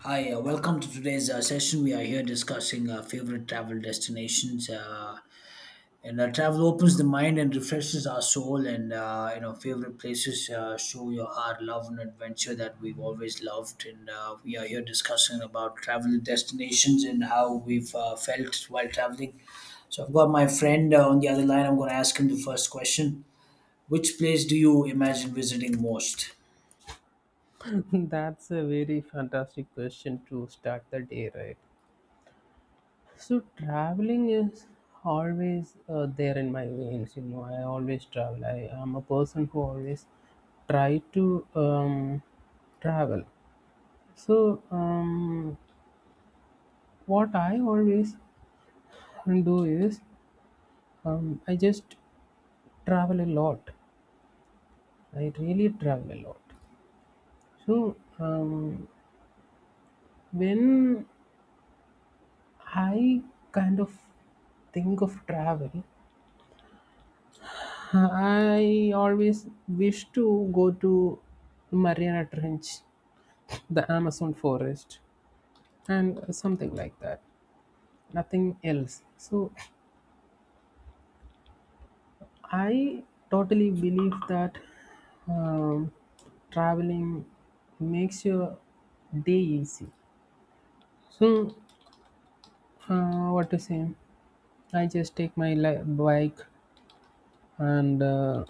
Hi, welcome to today's session. We are here discussing favorite travel destinations. And Travel opens the mind and refreshes our soul. Favorite places show your heart, love, and adventure that we've always loved. And We are here discussing about travel destinations and how we've felt while traveling. So I've got my friend on the other line. I'm going to ask him the first question. Which place do you imagine visiting most? That's a very fantastic question to start the day, right? So traveling is always there in my veins. You know, I always travel. I am a person who always try to travel. So um, what I always do is I just travel a lot. I really travel a lot. So um, when I kind of think of travel, I always wish to go to Mariana Trench, the Amazon forest, and something like that. Nothing else. So I totally believe that um, traveling makes your day easy. So what to say? I just take my bike and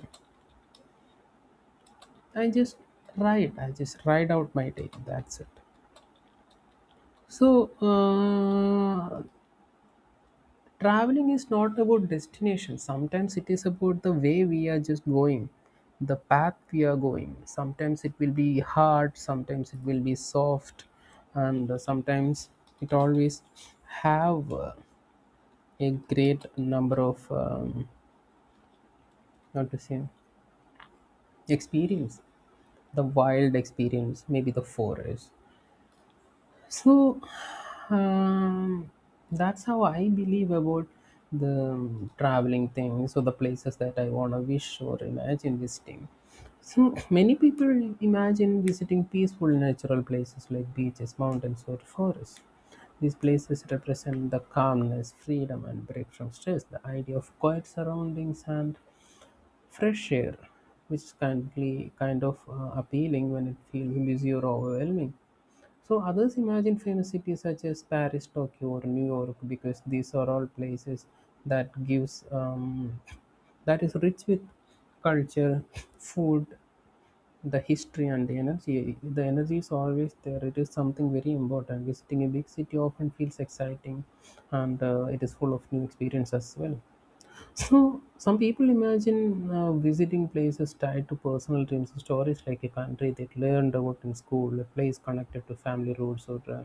I just ride. I just ride out my day. That's it. So, traveling is not about destination. Sometimes it is about the way we are just going, the path we are going. Sometimes it will be hard, sometimes it will be soft, and sometimes it always have a great number of, not to say, experience. The wild experience, maybe the forest. So um, that's how I believe about the traveling thing. So the places that I wanna wish or imagine visiting. So many people imagine visiting peaceful natural places like beaches, mountains, or forests. These places represent the calmness, freedom, and break from stress. The idea of quiet surroundings and fresh air, which can be kind of appealing when it feels busy or overwhelming. So others imagine famous cities such as Paris, Tokyo, or New York, because these are all places that gives um, that is rich with culture, food, the history, and the energy. The energy is always there. It is something very important. Visiting a big city often feels exciting, and it is full of new experience as well. So, some people imagine visiting places tied to personal dreams and stories, like a country they learned about in school, a place connected to family roots, or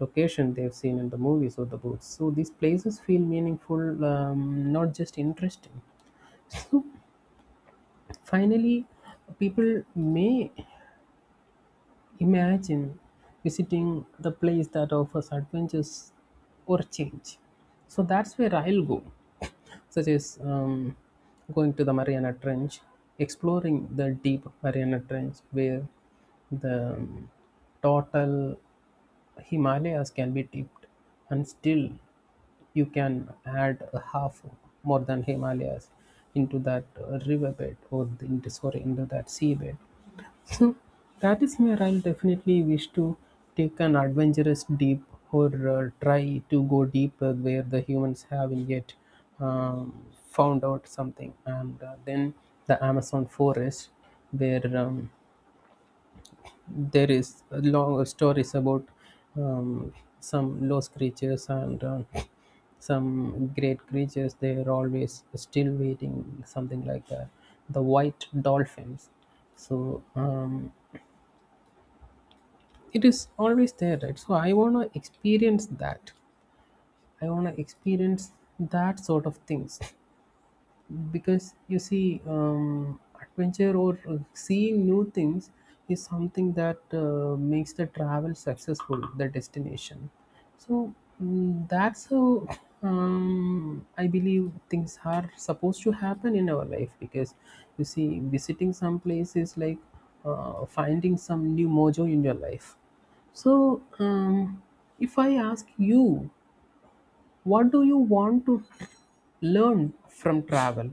location they've seen in the movies or the books. So, these places feel meaningful, not just interesting. So, finally, people may imagine visiting the place that offers adventures or change. So that's where I'll go, such as going to the Mariana Trench, exploring the deep Mariana Trench where the total Himalayas can be dipped, and still you can add a half more than Himalayas into that riverbed or the, into, sorry, into that seabed. So that is where I'll definitely wish to take an adventurous deep or try to go deeper where the humans haven't yet found out something. And then the Amazon forest, where there is a long stories about um, some lost creatures and some great creatures. They are always still waiting, something like that. The white dolphins. So it is always there, right? So I want to experience that. I want to experience that sort of things, because you see, adventure or seeing new things is something that makes the travel successful, the destination. So that's how I believe things are supposed to happen in our life, because you see, visiting some place is like finding some new mojo in your life. So, if I ask you, what do you want to learn from travel?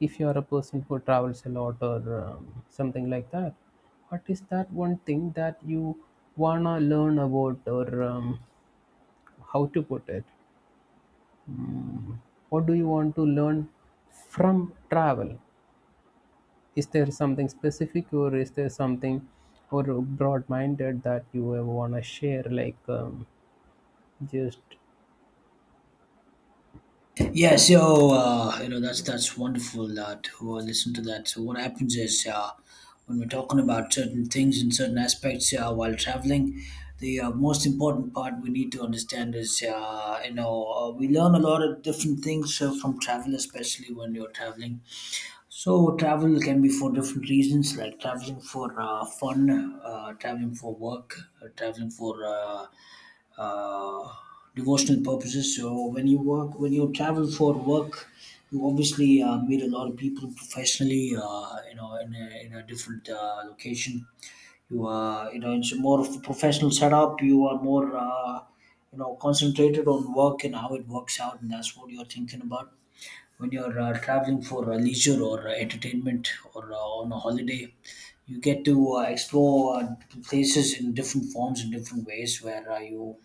If you are a person who travels a lot, or something like that, what is that one thing that you wanna learn about, or how to put it? Mm, what do you want to learn from travel? Is there something specific, or is there something or broad minded that you want to share, like just. Yeah, so you know that's wonderful to listen to that. So what happens is when we're talking about certain things and certain aspects while traveling, the most important part we need to understand is you know we learn a lot of different things from travel, especially when you're traveling. So travel can be for different reasons, like traveling for fun, traveling for work, traveling for uh, devotional purposes. So when you work, when you travel for work, you obviously meet a lot of people professionally. You know, in a different location, you are you know it's more of a professional setup. You are more you know concentrated on work and how it works out, and that's what you're thinking about. When you're traveling for leisure or entertainment or on a holiday, you get to explore places in different forms and different ways where you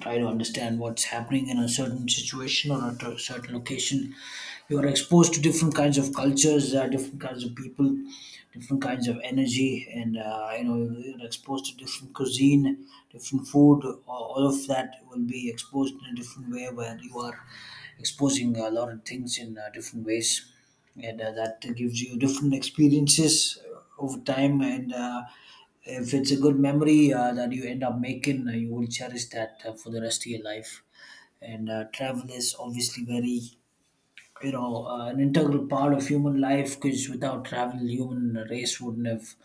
try to understand what's happening in a certain situation or certain location. You are exposed to different kinds of cultures, different kinds of people, different kinds of energy, and you know you're exposed to different cuisine, different food. All of that will be exposed in a different way, where you are exposing a lot of things in different ways, and that gives you different experiences over time. And if it's a good memory that you end up making, you will cherish that for the rest of your life. And travel is obviously very you know an integral part of human life, because without travel human race wouldn't have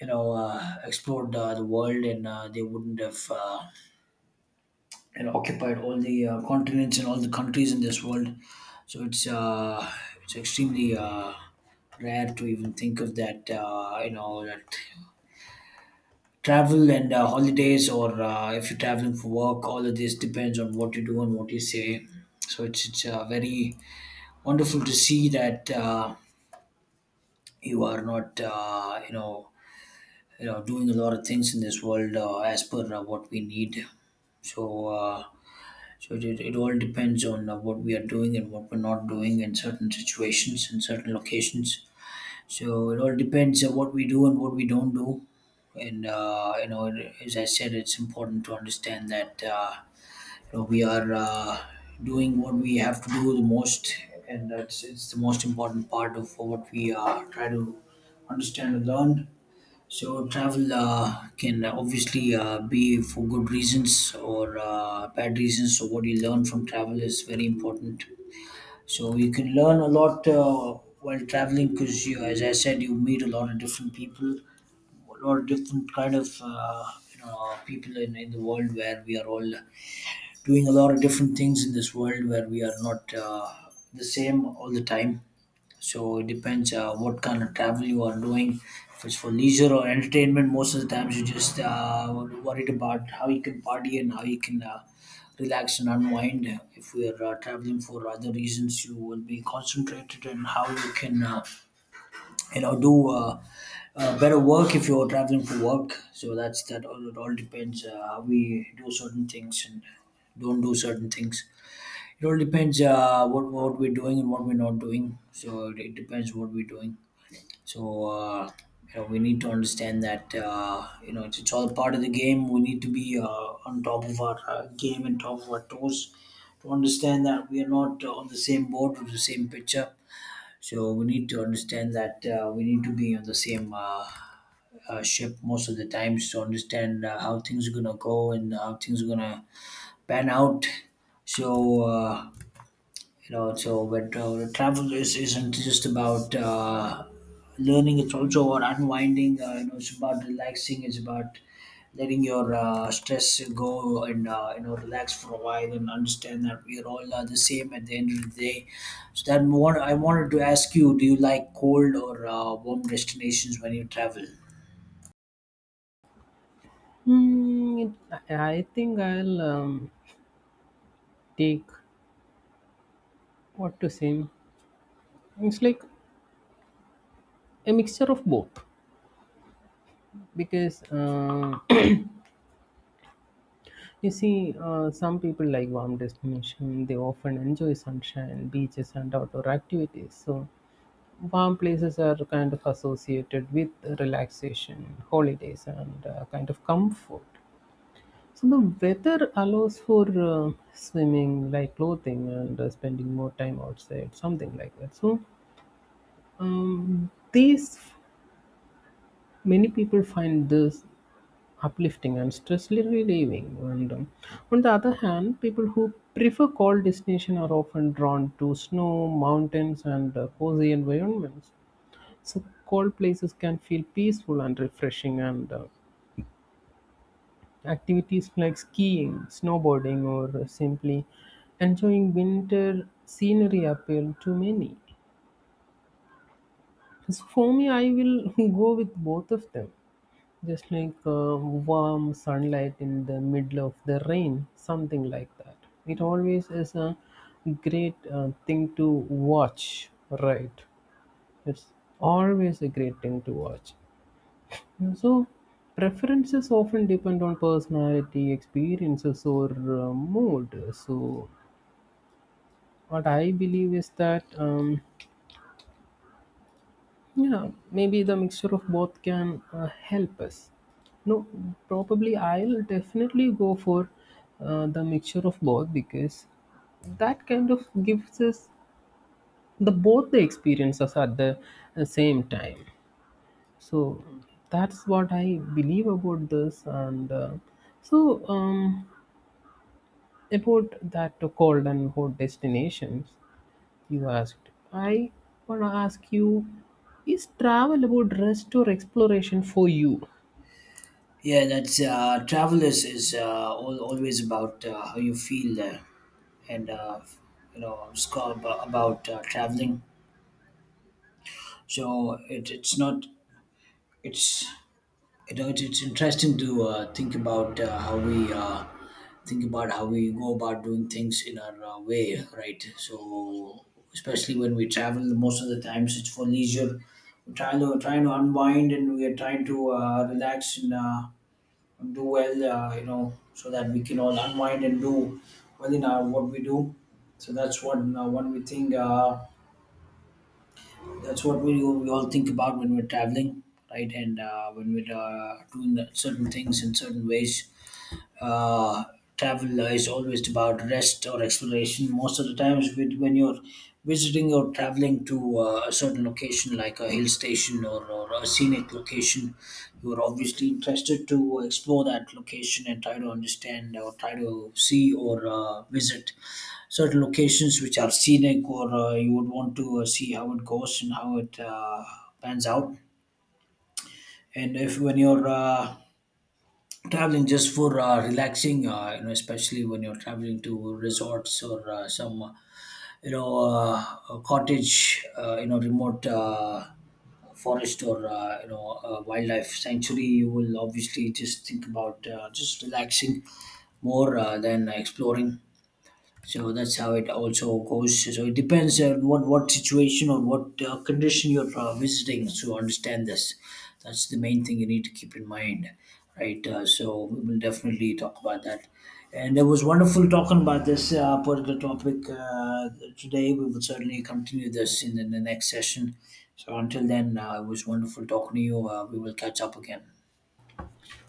you know explored the world, and they wouldn't have you know occupied all the continents and all the countries in this world. So it's extremely rare to even think of that you know that travel and holidays or if you're traveling for work, all of this depends on what you do and what you say. So it's very wonderful to see that you are not you know you know doing a lot of things in this world as per what we need. So uh, so it, it all depends on what we are doing and what we're not doing in certain situations in certain locations. So it all depends on what we do and what we don't do. And you know as I said, it's important to understand that you know we are doing what we have to do the most, and that's it's the most important part of what we try to understand and learn. So travel can obviously be for good reasons or bad reasons. So what you learn from travel is very important. So you can learn a lot while traveling, because you, as I said, you meet a lot of different people, a lot of different kind of you know people in the world where we are all doing a lot of different things in this world where we are not the same all the time. So it depends what kind of travel you are doing. If it's for leisure or entertainment, most of the times you just worried about how you can party and how you can relax and unwind. If we are traveling for other reasons, you will be concentrated on how you can, you know, do better work if you're traveling for work. So that's that. All it all depends how we do certain things and don't do certain things. It all depends what we're doing and what we're not doing. So it depends what we're doing. So you know we need to understand that you know it's all part of the game. We need to be on top of our game and top of our toes to understand that we are not on the same boat with the same picture. So we need to understand that we need to be on the same. Ship most of the times to understand how things are gonna go and how things are gonna pan out. So you know so but travel is, isn't just about learning, it's also about unwinding. You know, it's about relaxing, it's about letting your stress go, and you know relax for a while and understand that we're all the same at the end of the day. So that more I wanted to ask you, do you like cold or warm destinations when you travel? It, I think I'll take, what to say. It's like a mixture of both. Because you see, some people like warm destination, they often enjoy sunshine beaches and outdoor activities, so warm places are kind of associated with relaxation holidays and kind of comfort. So the weather allows for swimming like clothing and spending more time outside, something like that. So these many people find this uplifting and stress relieving. And on the other hand, people who prefer cold destinations are often drawn to snow, mountains, and cozy environments. So cold places can feel peaceful and refreshing, and activities like skiing, snowboarding, or simply enjoying winter scenery appeal to many. So for me, I will go with both of them. Just like warm sunlight in the middle of the rain, something like that. It always is a great thing to watch, right? It's always a great thing to watch. And so, preferences often depend on personality, experiences, or mood. So, what I believe is that. Yeah, maybe the mixture of both can help us. No, probably I'll definitely go for the mixture of both, because that kind of gives us the both the experiences at the same time. So that's what I believe about this. And so um, about that cold and hot destinations you asked. I want to ask you, is travel about rest or exploration for you? Yeah, that's travel is all, always about how you feel and you know it's called about traveling. So it, it's not it's you know it's interesting to think about how we think about how we go about doing things in our way, right? So especially when we travel, most of the times it's for leisure. We're trying to unwind, and we are trying to relax and do well, you know, so that we can all unwind and do well in our what we do. So that's one one we think. That's what we all think about when we're traveling, right? And when we're doing that certain things in certain ways, uh, travel is always about rest or exploration. Most of the times, with when you're visiting or traveling to a certain location, like a hill station, or a scenic location, you're obviously interested to explore that location and try to understand or try to see or visit certain locations which are scenic or you would want to see how it goes and how it pans out. And if when you're traveling just for relaxing, you know especially when you're traveling to resorts or some you know cottage, you know remote forest or you know wildlife sanctuary, you will obviously just think about just relaxing more than exploring. So that's how it also goes. So it depends on what situation or what condition you're visiting to understand this. That's the main thing you need to keep in mind, right? So we will definitely talk about that, and it was wonderful talking about this particular topic today. We will certainly continue this in the next session. So until then, it was wonderful talking to you. We will catch up again.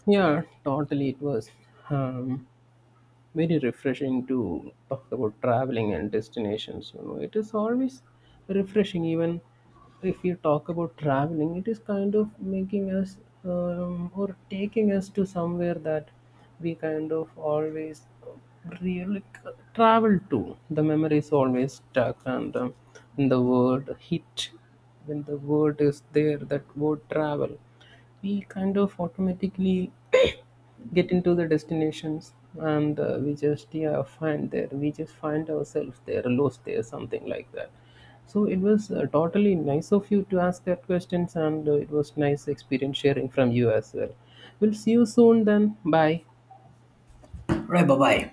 Yeah, totally, it was. Um, Very refreshing to talk about traveling and destinations. You know, it is always refreshing. Even if you talk about traveling, it is kind of making us or taking us to somewhere that we kind of always really travel to. The memory is always stuck, and when the word hit, when the word is there, that word travel, we kind of automatically get into the destinations, and we just, yeah, find there, we just find ourselves there, lost there, something like that. So it was totally nice of you to ask that questions, and it was nice experience sharing from you as well. We'll see you soon then. Bye. All right, bye bye.